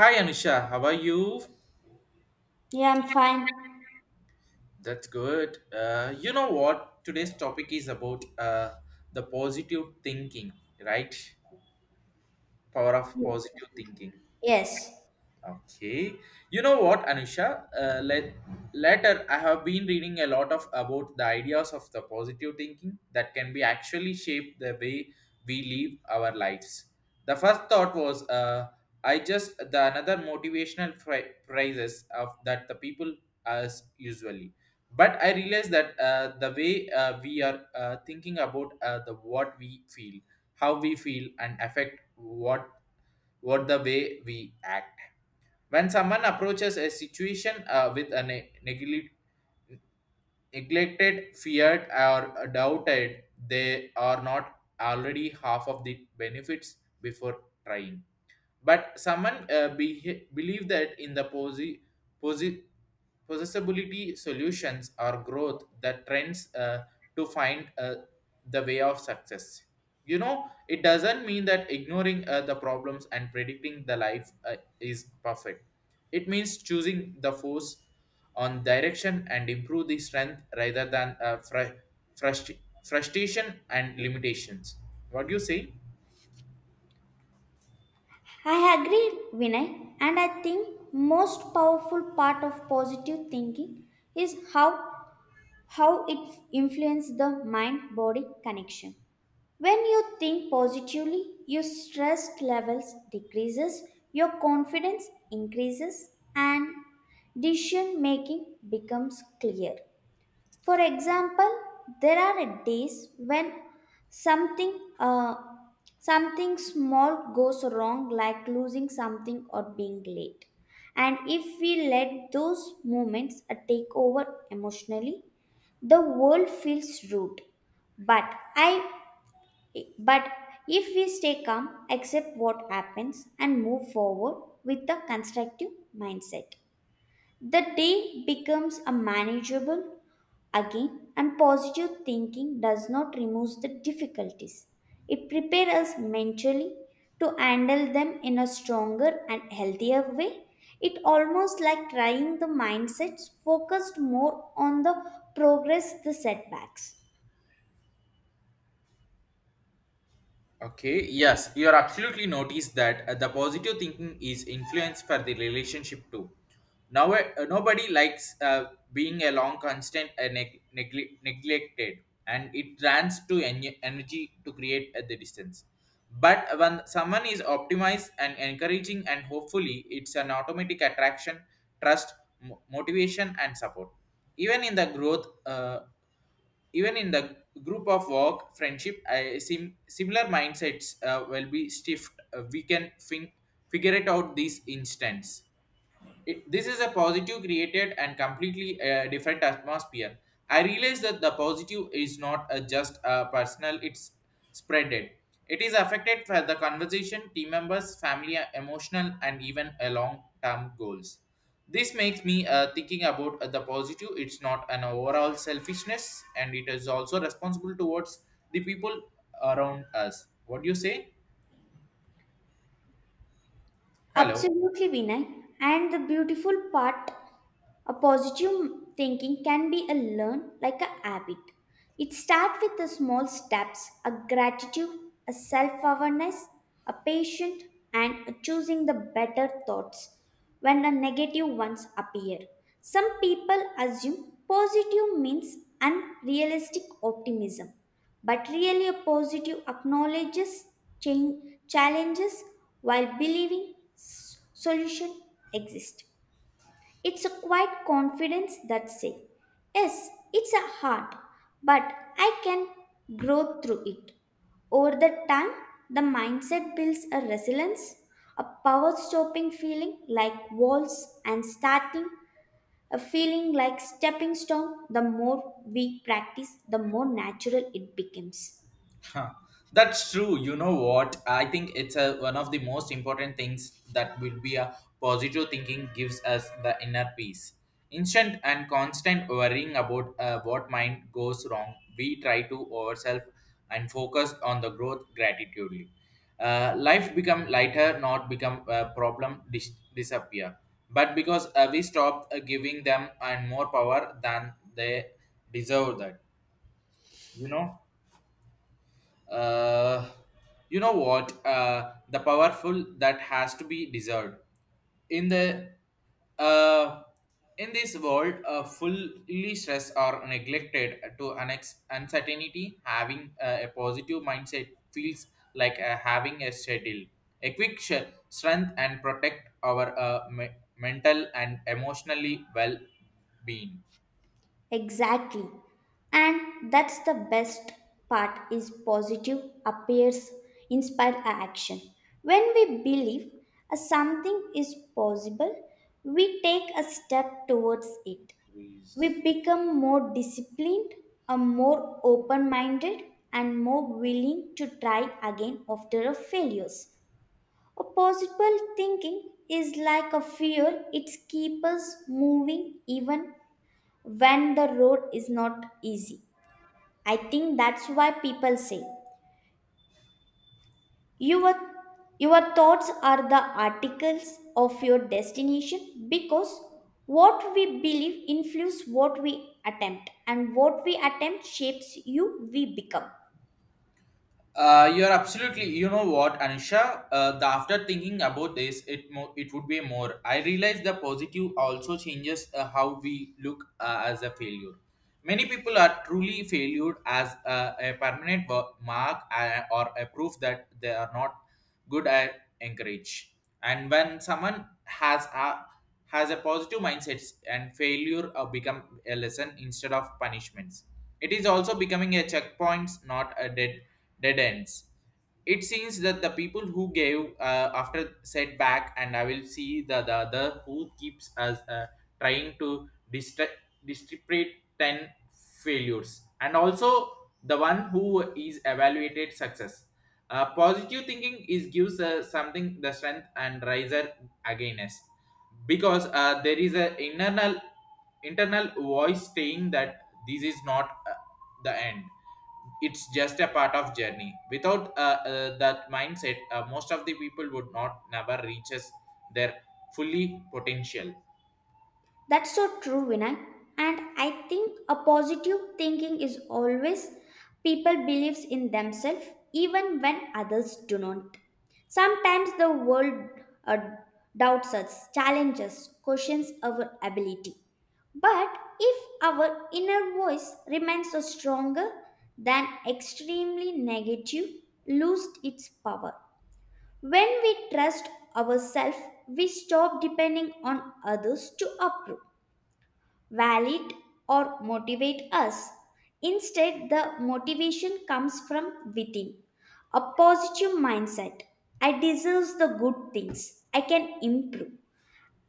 Hi Anusha, how are you? Yeah, I'm fine. That's good. You know what? Today's topic is about the positive thinking, right? Power of positive thinking. Yes, Okay. You know what, Anusha? Later, I have been reading a lot of about the ideas of the positive thinking that can be actually shape the way we live our lives. The first thought was, I just the another motivational phrases of that the people as usually. But I realized that the way we are thinking about the what we feel, how we feel, and affect what the way we act when someone approaches a situation with a neglected, feared, or doubted, they are not already half of the benefits before trying, but someone believe that in the posi- possessibility solutions or growth that trends to find the way of success. You know, it doesn't mean that ignoring the problems and predicting the life is perfect. It means choosing the force on direction and improve the strength rather than frust- frustration and limitations. What do you say? I agree, Vinay. And I think most powerful part of positive thinking is how it influences the mind body connection. When you think positively, your stress levels decreases, your confidence increases, and decision making becomes clear. For example, there are days when something uh, something small goes wrong like losing something or being late. And if we let those moments take over emotionally, the world feels rude. But I but if we stay calm, accept what happens and move forward with a constructive mindset. The day becomes a manageable again, and positive thinking does not remove the difficulties. It prepares us mentally to handle them in a stronger and healthier way. It almost like trying the mindsets focused more on the progress the setbacks. Okay, yes, you are absolutely noticed that the positive thinking is influence for the relationship too. Now, nobody likes being a long constant neglected, and it runs to energy to create at the distance. But when someone is optimized and encouraging, and hopefully, it's an automatic attraction, trust, motivation, and support. Even in the growth. Even in the group of work friendship I similar mindsets will be stiff, we can figure it out these instants. It, this is a positive created and completely different atmosphere. I realize that the positive is not just personal, it's spreaded. It is affected for the conversation, team members, family, emotional, and even a long term goals. This makes me thinking about the positive, it's not an overall selfishness, and it is also responsible towards the people around us. What do you say? Hello. Absolutely, Vinay. And the beautiful part, a positive thinking can be a learn like a habit. It starts with the small steps, a gratitude, a self-awareness, a patient, and a choosing the better thoughts when the negative ones appear. Some people assume positive means unrealistic optimism, but really a positive acknowledges change, challenges while believing solution exist. It's a quiet confidence that say, yes, it's a hard, but I can grow through it. Over the time, the mindset builds a resilience, a power stopping feeling like walls and starting a feeling like stepping stone. The more we practice, the more natural it becomes. Huh. That's true. You know what? I think it's a, one of the most important things that will be a positive thinking gives us the inner peace. Instant and constant worrying about what mind goes wrong, we try to ourselves and focus on the growth gratitudely. Life become lighter, not become a problem disappear. But because we stop giving them and more power than they deserve that, you know. Uh, you know what? The powerful that has to be deserved. In the uh, in this world, fully stressed or neglected to an uncertainty, having a positive mindset feels like having a schedule, a quick strength, and protect our mental and emotionally well being. Exactly. And that's the best part is positive appears inspire a action. When we believe a something is possible, we take a step towards it. We become more disciplined, a more open-minded and more willing to try again after a failures. A positive thinking is like a fuel, it keeps us moving even when the road is not easy. I think that's why people say your your thoughts are the articles of your destination because what we believe influences what we attempt and what we attempt shapes you we become. You're absolutely. You know what, Anisha? The after thinking about this, it would be more. I realize the positive also changes how we look as a failure. Many people are truly failed as a permanent mark or a proof that they are not good at encourage. And when someone has a positive mindset and failure become a lesson instead of punishments. It is also becoming a checkpoints, not a dead ends. It seems that the people who gave after setback, and I will see the other who keeps us trying to distra- distribute 10 failures, and also the one who is evaluated success. Positive thinking is gives something the strength and riser against, because there is a internal voice saying that this is not the end, it's just a part of journey. Without that mindset, most of the people would not never reaches their fully potential. That's so true, Vinay. And I think a positive thinking is always people believes in themselves even when others do not. Sometimes the world uh, doubts us, challenges, questions our ability. But if our inner voice remains stronger than extremely negative, loses its power. When we trust ourselves, we stop depending on others to approve validate or motivate us. Instead, the motivation comes from within. A positive mindset. I deserve the good things. I can improve.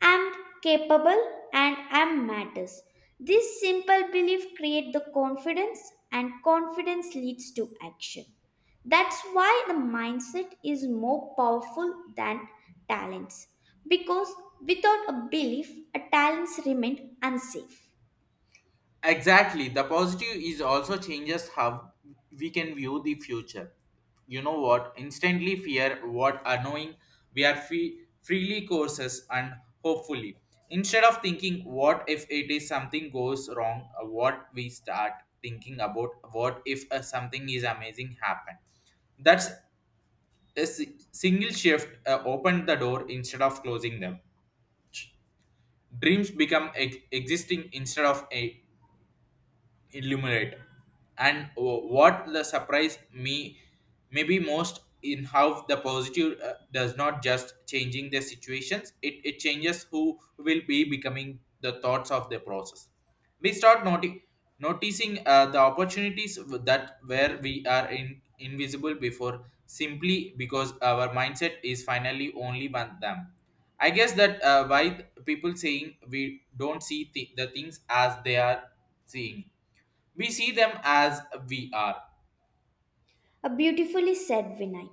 I'm capable and I'm matters. This simple belief creates the confidence and confidence leads to action. That's why the mindset is more powerful than talents because without a belief, a talents remain unsafe. Exactly, the positive is also changes how we can view the future. You know what, instantly fear what annoying, we are free, freely courses and hopefully. Instead of thinking what if it is something goes wrong, what we start thinking about what if something is amazing happen. That's A single shift opened the door instead of closing them. Dreams become existing instead of illuminate. And what the surprise me maybe most in how the positive does not just changing the situations, it changes who will be becoming the thoughts of the process. We start noticing the opportunities that where we are in invisible before, simply because our mindset is finally only one them. I guess that why people saying we don't see the things as they are seeing, we see them as we are. A beautifully said Vinay.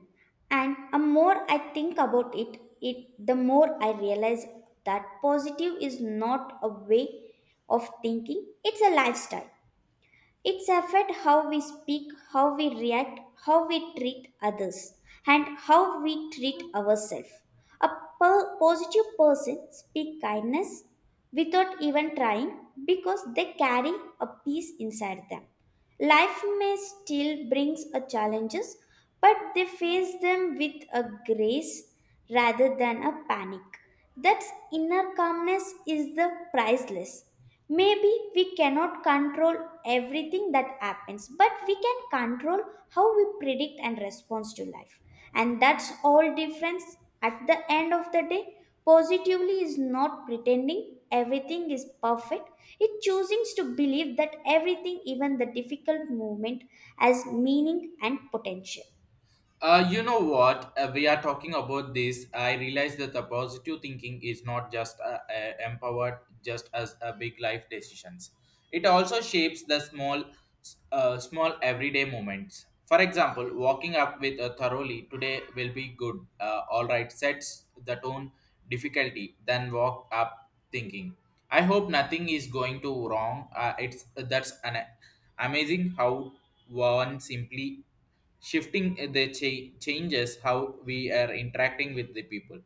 And the more I think about it, it the more I realize that positive is not a way of thinking, it's a lifestyle. It's affect how we speak, how we react, how we treat others, and how we treat ourselves. A positive person speak kindness without even trying because they carry a peace inside them. Life may still brings a challenges, but they face them with a grace rather than a panic. That inner calmness is the priceless. Maybe we cannot control everything that happens, but we can control how we predict and respond to life. And that's all difference at the end of the day. Positively is not pretending everything is perfect. It chooses to believe that everything, even the difficult moment, has meaning and potential. You know what? We are talking about this. I realize that the positive thinking is not just empowered, just as a big life decisions. It also shapes the small small everyday moments. For example, walking up with a thoroughly today will be good. All right, sets the tone difficulty. Then walk up thinking, I hope nothing is going to wrong. It's That's an amazing how one simply shifting the changes how we are interacting with the people,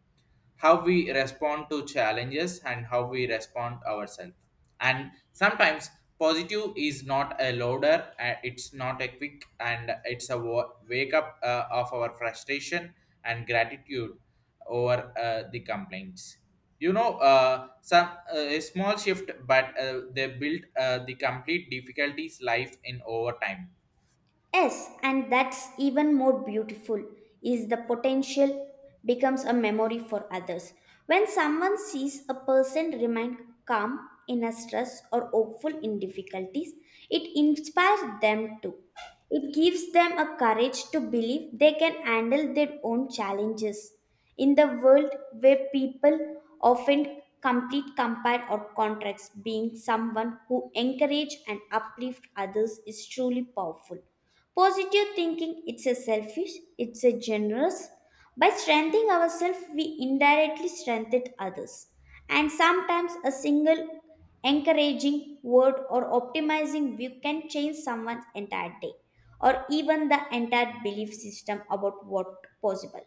how we respond to challenges, and how we respond ourselves. And sometimes positive is not a loader, it's not a quick, and it's a wake up of our frustration and gratitude over the complaints. You know, some a small shift, but they build the complete difficulties life in over time. Yes, and that's even more beautiful is the potential becomes a memory for others. When someone sees a person remain calm in a stress or hopeful in difficulties, it inspires them too. It gives them a courage to believe they can handle their own challenges. In the world where people often complete compare or contracts, being someone who encourage and uplift others is truly powerful. Positive thinking it's a selfish, it's a generous. By strengthening ourselves, we indirectly strengthen others. And sometimes a single encouraging word or optimizing view can change someone's entire day or even the entire belief system about what possible.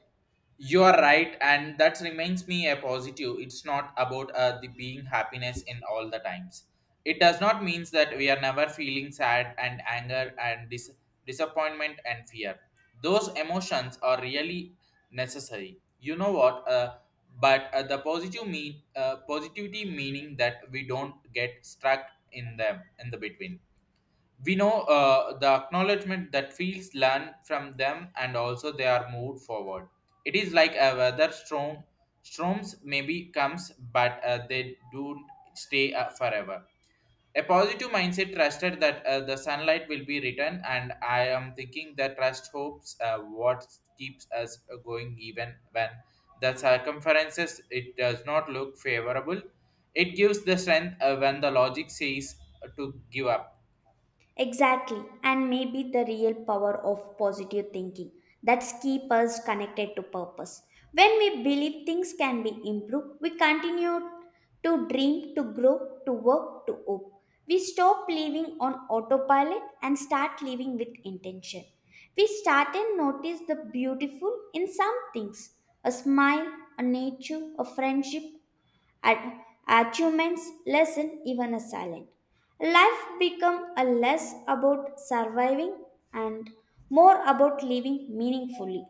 You are right, and that reminds me a positive it's not about the being happiness in all the times. It does not means that we are never feeling sad and anger and disappointment and fear. Those emotions are really necessary, you know what, but the positive mean positivity meaning that we don't get stuck in them in the between. We know the acknowledgement that fields learn from them, and also they are moved forward. It is like a weather storms maybe comes, but they don't stay forever. A positive mindset trusted that the sunlight will be returned, and I am thinking that trust hopes what keeps us going even when the circumferences it does not look favorable. It gives the strength when the logic says to give up. Exactly, and maybe the real power of positive thinking that's keep us connected to purpose. When we believe things can be improved, we continue to dream, to grow, to work, to hope. We stop living on autopilot and start living with intention. We start and notice the beautiful in some things, a smile, a nature, a friendship, Ad- achievements lessen even a silent. Life become a less about surviving and more about living meaningfully.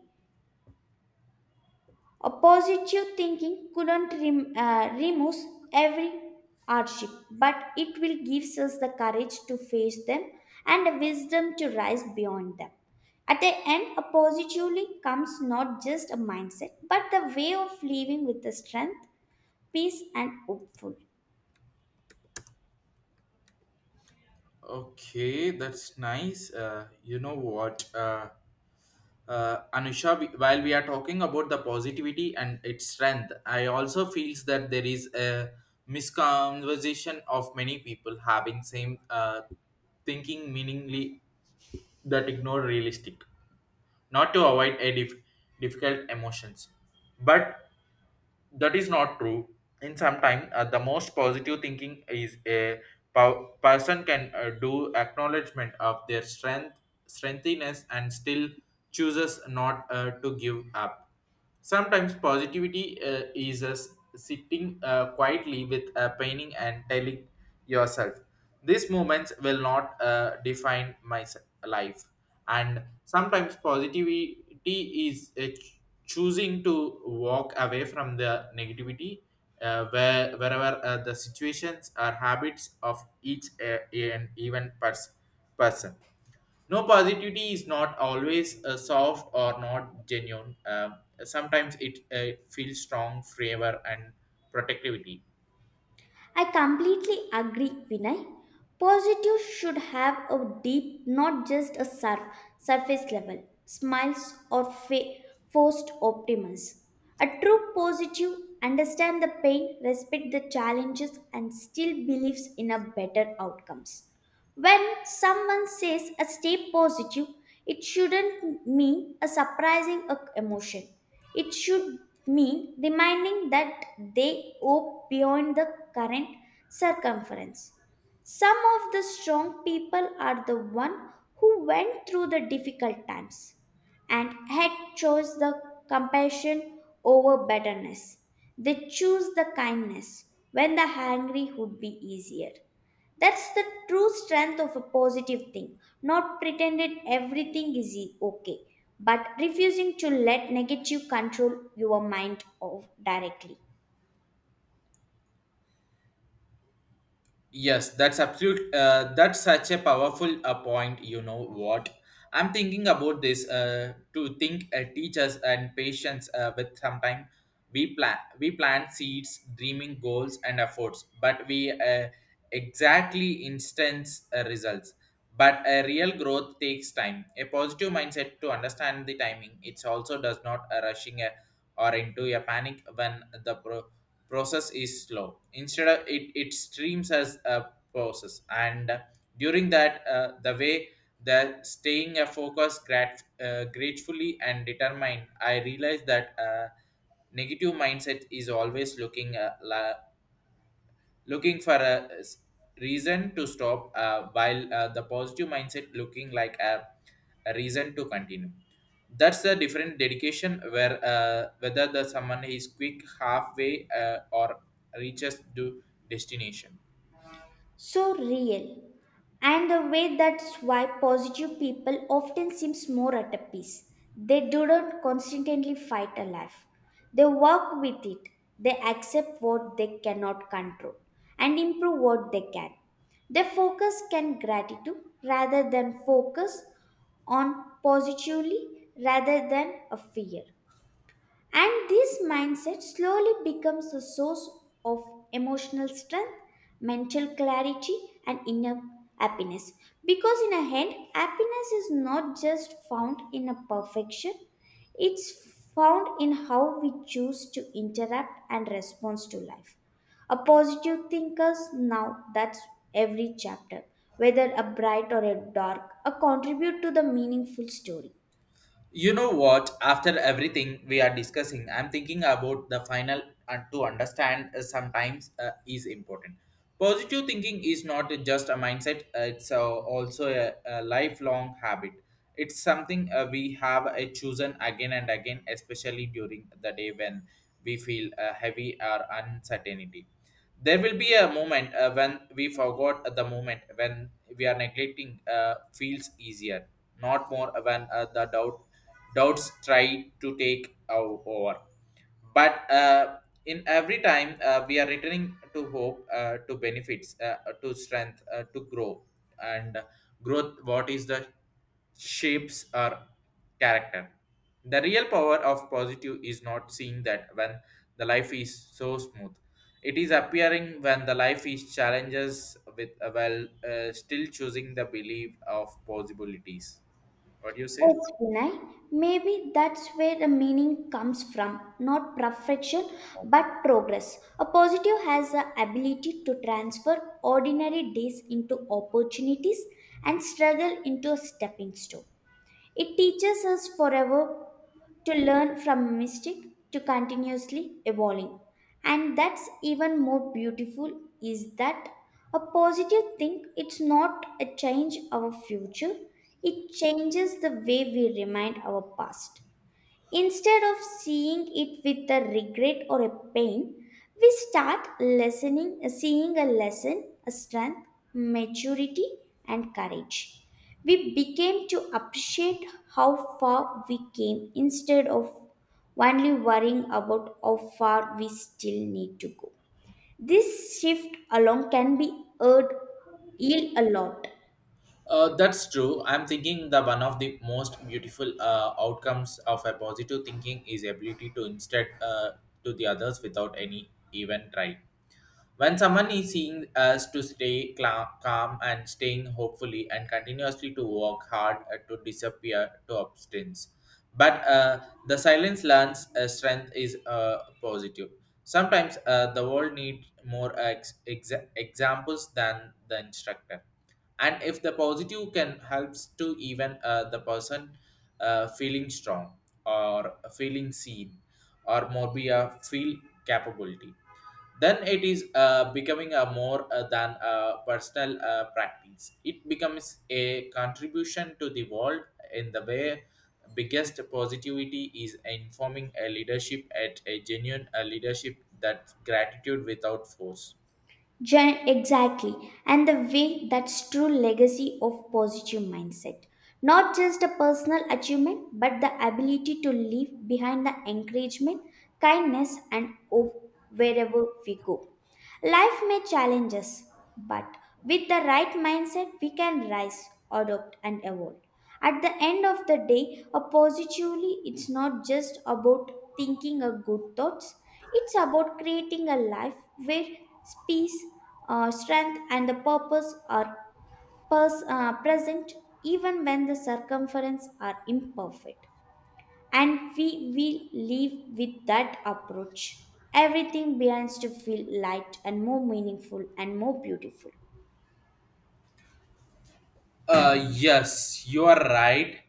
A positive thinking couldn't remove every hardship, but it will give us the courage to face them and the wisdom to rise beyond them. At the end, a positively comes not just a mindset, but the way of living with the strength, peace, and hopeful. Okay, that's nice. You know what, Anusha, while we are talking about the positivity and its strength, I also feels that there is a misconversation of many people having same thinking meaningly that ignore realistic, not to avoid a difficult emotions, but that is not true. In some time, the most positive thinking is a person can do acknowledgement of their strengthiness and still chooses not to give up. Sometimes positivity is sitting quietly with a painting and telling yourself, these moments will not define life. And sometimes positivity is choosing to walk away from the negativity, wherever the situations or habits of each, person. No, positivity is not always soft or not genuine. Sometimes it feels strong, favor, and protectivity. I completely agree, Vinay. Positive should have a deep, not just a surface level, smiles or forced optimism. A true positive understand the pain, respect the challenges, and still believes in a better outcomes. When someone says a stay positive, it shouldn't mean a surprising emotion. It should mean reminding that they hope beyond the current circumference. Some of the strong people are the one who went through the difficult times and had chose the compassion over bitterness. They choose the kindness when the hungry would be easier. That's the true strength of a positive thing, not pretending everything is okay, but refusing to let negative control your mind of directly. Yes, that's absolute. That's such a powerful point. You know what? I'm thinking about this to think teachers and patients with sometime we plant seeds, dreaming goals and efforts, but we exactly instance results. But a real growth takes time. A positive mindset to understand the timing. It also does not rushing or into a panic when the process is slow. Instead of it, it streams as a process, and during that the way that staying a focus gratefully and determined. I realized that negative mindset is always looking for reason to stop, while the positive mindset looking like a reason to continue. That's the different dedication where whether the someone is quick halfway, or reaches the destination. So real. And the way that's why positive people often seems more at a peace. They do not constantly fight a life. They work with it. They accept what they cannot control and improve what they can. They focus can gratitude rather than focus on positively rather than a fear. And this mindset slowly becomes a source of emotional strength, mental clarity, and inner happiness. Because, in a end, happiness is not just found in a perfection, it's found in how we choose to interact and respond to life. A positive thinker's now that's every chapter, whether a bright or a dark, a contribute to the meaningful story. You know what? After everything we are discussing, I'm thinking about the final and to understand sometimes is important. Positive thinking is not just a mindset, it's also a lifelong habit. It's something we have chosen again and again, especially during the day when we feel heavy or uncertainty. There will be a moment when we forgot the moment when we are neglecting feels easier, not more, when the doubts try to take our over. But in every time we are returning to hope, to benefits, to strength, to grow, and growth. What is the shapes our character? The real power of positive is not seeing that when the life is so smooth, it is appearing when the life is challenges with while still choosing the belief of possibilities. What do you say? Yes, Vinay, maybe that's where the meaning comes from, not perfection, but progress. A positive has the ability to transfer ordinary days into opportunities and struggle into a stepping stone. It teaches us forever to learn from mistake, to continuously evolving. And that's even more beautiful is that a positive thing, it's not a change our future, it changes the way we remind our past. Instead of seeing it with a regret or a pain, we start listening, seeing a lesson, a strength, maturity, and courage. We became to appreciate how far we came instead of only worrying about how far we still need to go. This shift alone can be heard, yield a lot. That's true. I'm thinking the one of the most beautiful outcomes of a positive thinking is ability to instead to the others without any even try. When someone is seeing us to stay calm and staying hopefully and continuously to work hard to disappear to abstinence. But the silence learns strength is positive. Sometimes the world needs more examples than the instructor, and if the positive can helps to even the person feeling strong or feeling seen or more be a feel capability, then it is becoming a more than a personal practice. It becomes a contribution to the world in the way biggest positivity is informing a leadership at a genuine leadership that gratitude without force. Exactly. And the way that's true legacy of positive mindset. Not just a personal achievement, but the ability to leave behind the encouragement, kindness, and hope wherever we go. Life may challenge us, but with the right mindset, we can rise, adopt, and evolve. At the end of the day, a positively, it's not just about thinking a good thoughts. It's about creating a life where peace, strength, and the purpose are present, even when the circumference are imperfect. And we will live with that approach. Everything begins to feel light and more meaningful and more beautiful. Yes, you are right.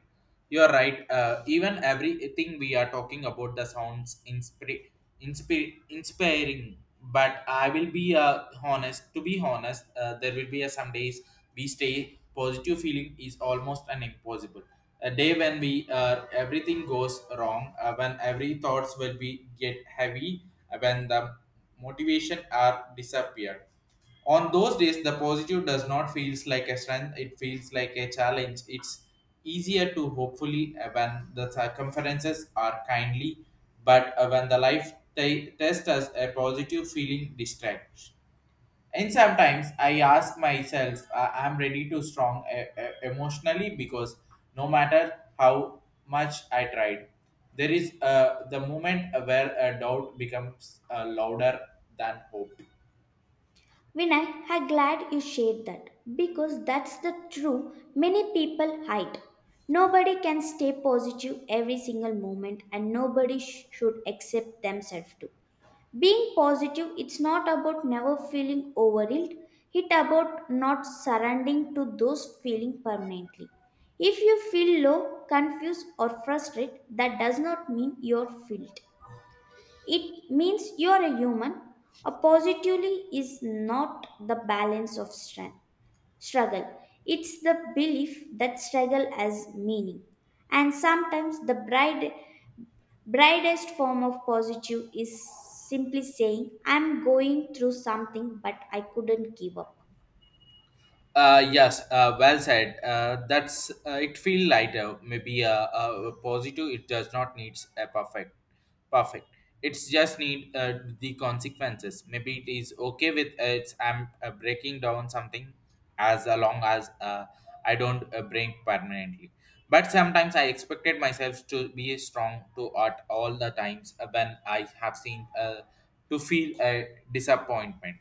You are right. Even everything we are talking about the sounds inspiring. But I will be honest. To be honest, there will be some days we stay positive feeling is almost an impossible. A day when we everything goes wrong, when every thoughts will be get heavy, when the motivation are disappeared. On those days the positive does not feels like a strength, it feels like a challenge. It's easier to hopefully when the circumferences are kindly, but when the life test us, a positive feeling distracts. And sometimes I ask myself I'm ready to strong emotionally because no matter how much I tried, there is the moment where a doubt becomes louder than hope. Vinay, I'm glad you shared that because that's the truth many people hide. Nobody can stay positive every single moment and nobody should accept themselves too. Being positive, it's not about never feeling overwhelmed, it's about not surrendering to those feeling permanently. If you feel low, confused or frustrated, that does not mean you're filled. It means you are a human. A positively is not the balance of struggle. It's the belief that struggle has meaning. And sometimes the brightest form of positive is simply saying, I'm going through something, but I couldn't give up. Yes, well said. That's it. Feel lighter, maybe a positive. It does not need a perfect, perfect. It's just need the consequences. Maybe it is okay with it's. I'm breaking down something as long as I don't break permanently. But sometimes I expected myself to be strong to art all the times when I have seen to feel a disappointment,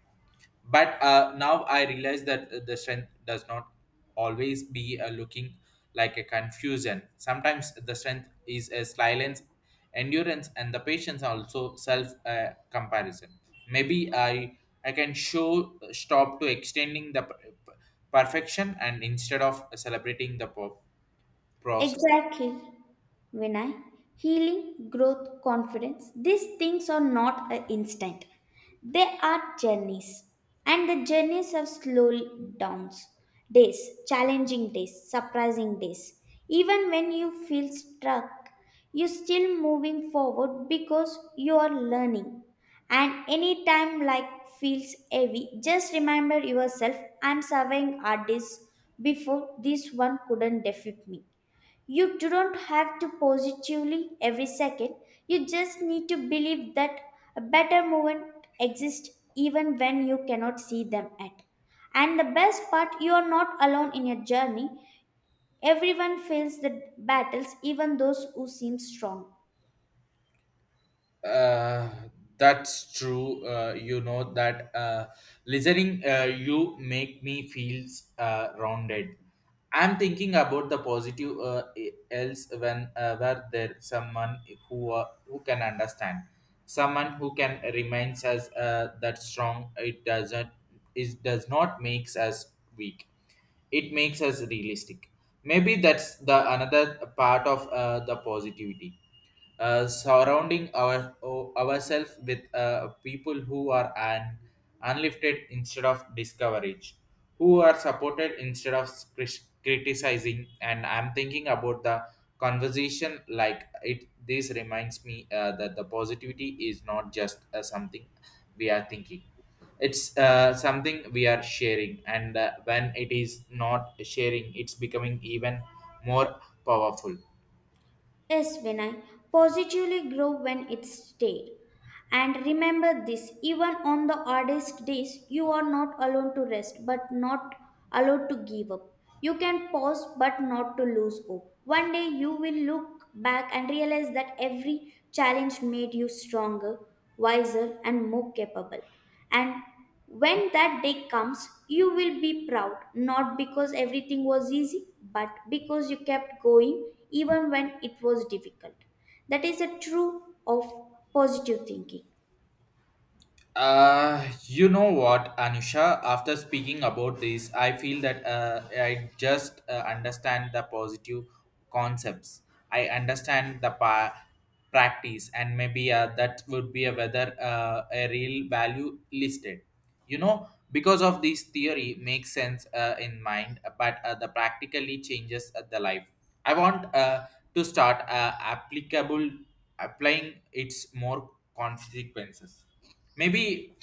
but now I realize that the strength does not always be looking like a confusion. Sometimes the strength is a silence, endurance, and the patience, also self comparison. Maybe I can show stop to extending the perfection, and instead of celebrating the process. Exactly. When I healing growth confidence these things are not an instant, they are journeys, and the journeys have slow downs days, challenging days, surprising days. Even when you feel stuck, you still moving forward because you are learning. And any time like feels heavy, just remember yourself, I'm serving artists before this one couldn't defeat me. You don't have to positively every second. You just need to believe that a better movement exists even when you cannot see them at. And the best part, you are not alone in your journey. Everyone fails the battles, even those who seem strong. uh, that's true. You know that listening, you make me feels rounded. I'm thinking about the positive else when where there someone who can understand, someone who can reminds us that strong, it doesn't, it does not makes us weak, it makes us realistic. Maybe that's the another part of the positivity, surrounding our ourselves with people who are an unlifted instead of discouraged, who are supported instead of criticizing. And I'm thinking about the conversation like it. This reminds me that the positivity is not just something we are thinking. It's something we are sharing, and when it is not sharing, it's becoming even more powerful. Yes, Vinay, positively grow when it's stayed. And remember this, even on the hardest days, you are not alone to rest, but not allowed to give up. You can pause, but not to lose hope. One day you will look back and realize that every challenge made you stronger, wiser, and more capable. And when that day comes, you will be proud, not because everything was easy, but because you kept going even when it was difficult. That is a true of positive thinking. You know what, Anusha? After speaking about this, I feel that I just understand the positive concepts. I understand the practice, and maybe that would be a whether a real value listed. You know, because of this theory makes sense in mind, but the practically changes the life. I want to start applicable applying its more consequences. Maybe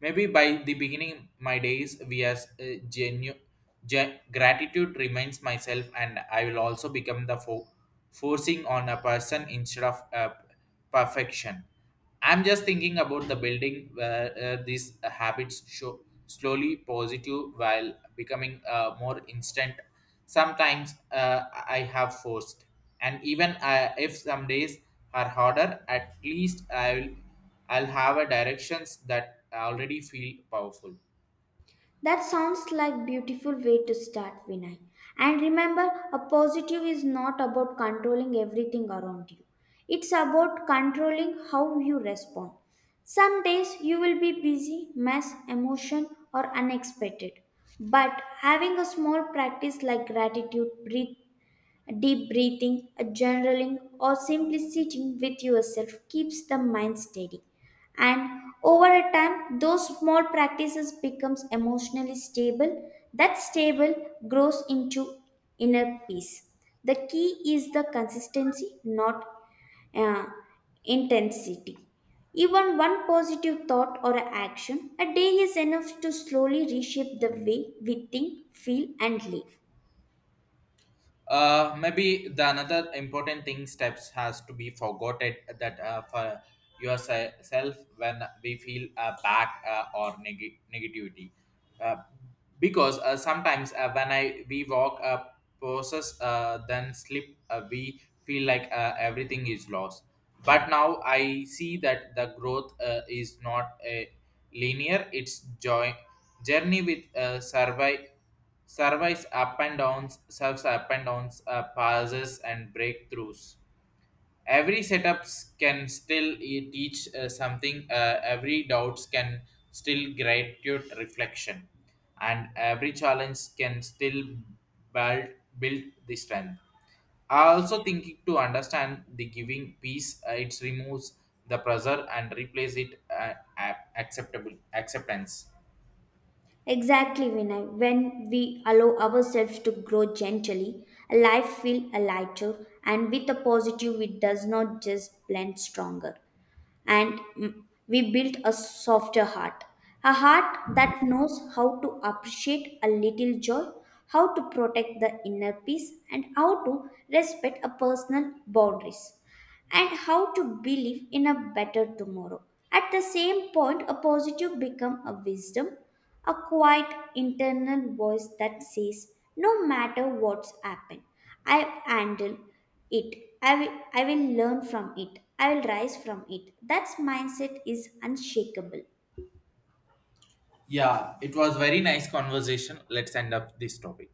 maybe by the beginning my days via genuine gratitude reminds myself, and I will also become the forcing on a person instead of perfection. I'm just thinking about the building where these habits show slowly positive while becoming more instant. Sometimes I have forced, and even if some days are harder, at least I'll have a directions that already feel powerful. That sounds like beautiful way to start, Vinay. And remember, a positive is not about controlling everything around you. It's about controlling how you respond. Some days you will be busy, mess, emotion, or unexpected. But having a small practice like gratitude, breathing, deep breathing, a journaling, or simply sitting with yourself keeps the mind steady. And over a time, those small practices becomes emotionally stable. That stable grows into inner peace. The key is the consistency, not uh, intensity. Even one positive thought or action a day is enough to slowly reshape the way we think, feel, and live. Maybe the another important thing steps has to be forgotten, that for yourself when we feel bad or negativity, uh, because sometimes when I we walk a process, then slip, we feel like everything is lost. But now I see that the growth is not a linear, it's joy, journey with survive surveys up and downs, serves up and downs, pauses and breakthroughs. Every setups can still teach something. Every doubts can still gratitude reflection, and every challenge can still build build the strength. I also thinking to understand the giving peace. It removes the pressure and replace it a- acceptable acceptance. Exactly, Vinay. When we allow ourselves to grow gently, life feels lighter, and with a positive, it does not just blend stronger. And we build a softer heart, a heart that knows how to appreciate a little joy, how to protect the inner peace, and how to respect a personal boundaries and how to believe in a better tomorrow. At the same point, a positive become a wisdom, a quiet internal voice that says, no matter what's happened, I handle it. I will learn from it. I will rise from it. That mindset is unshakable. Yeah, it was very nice conversation. Let's end up this topic.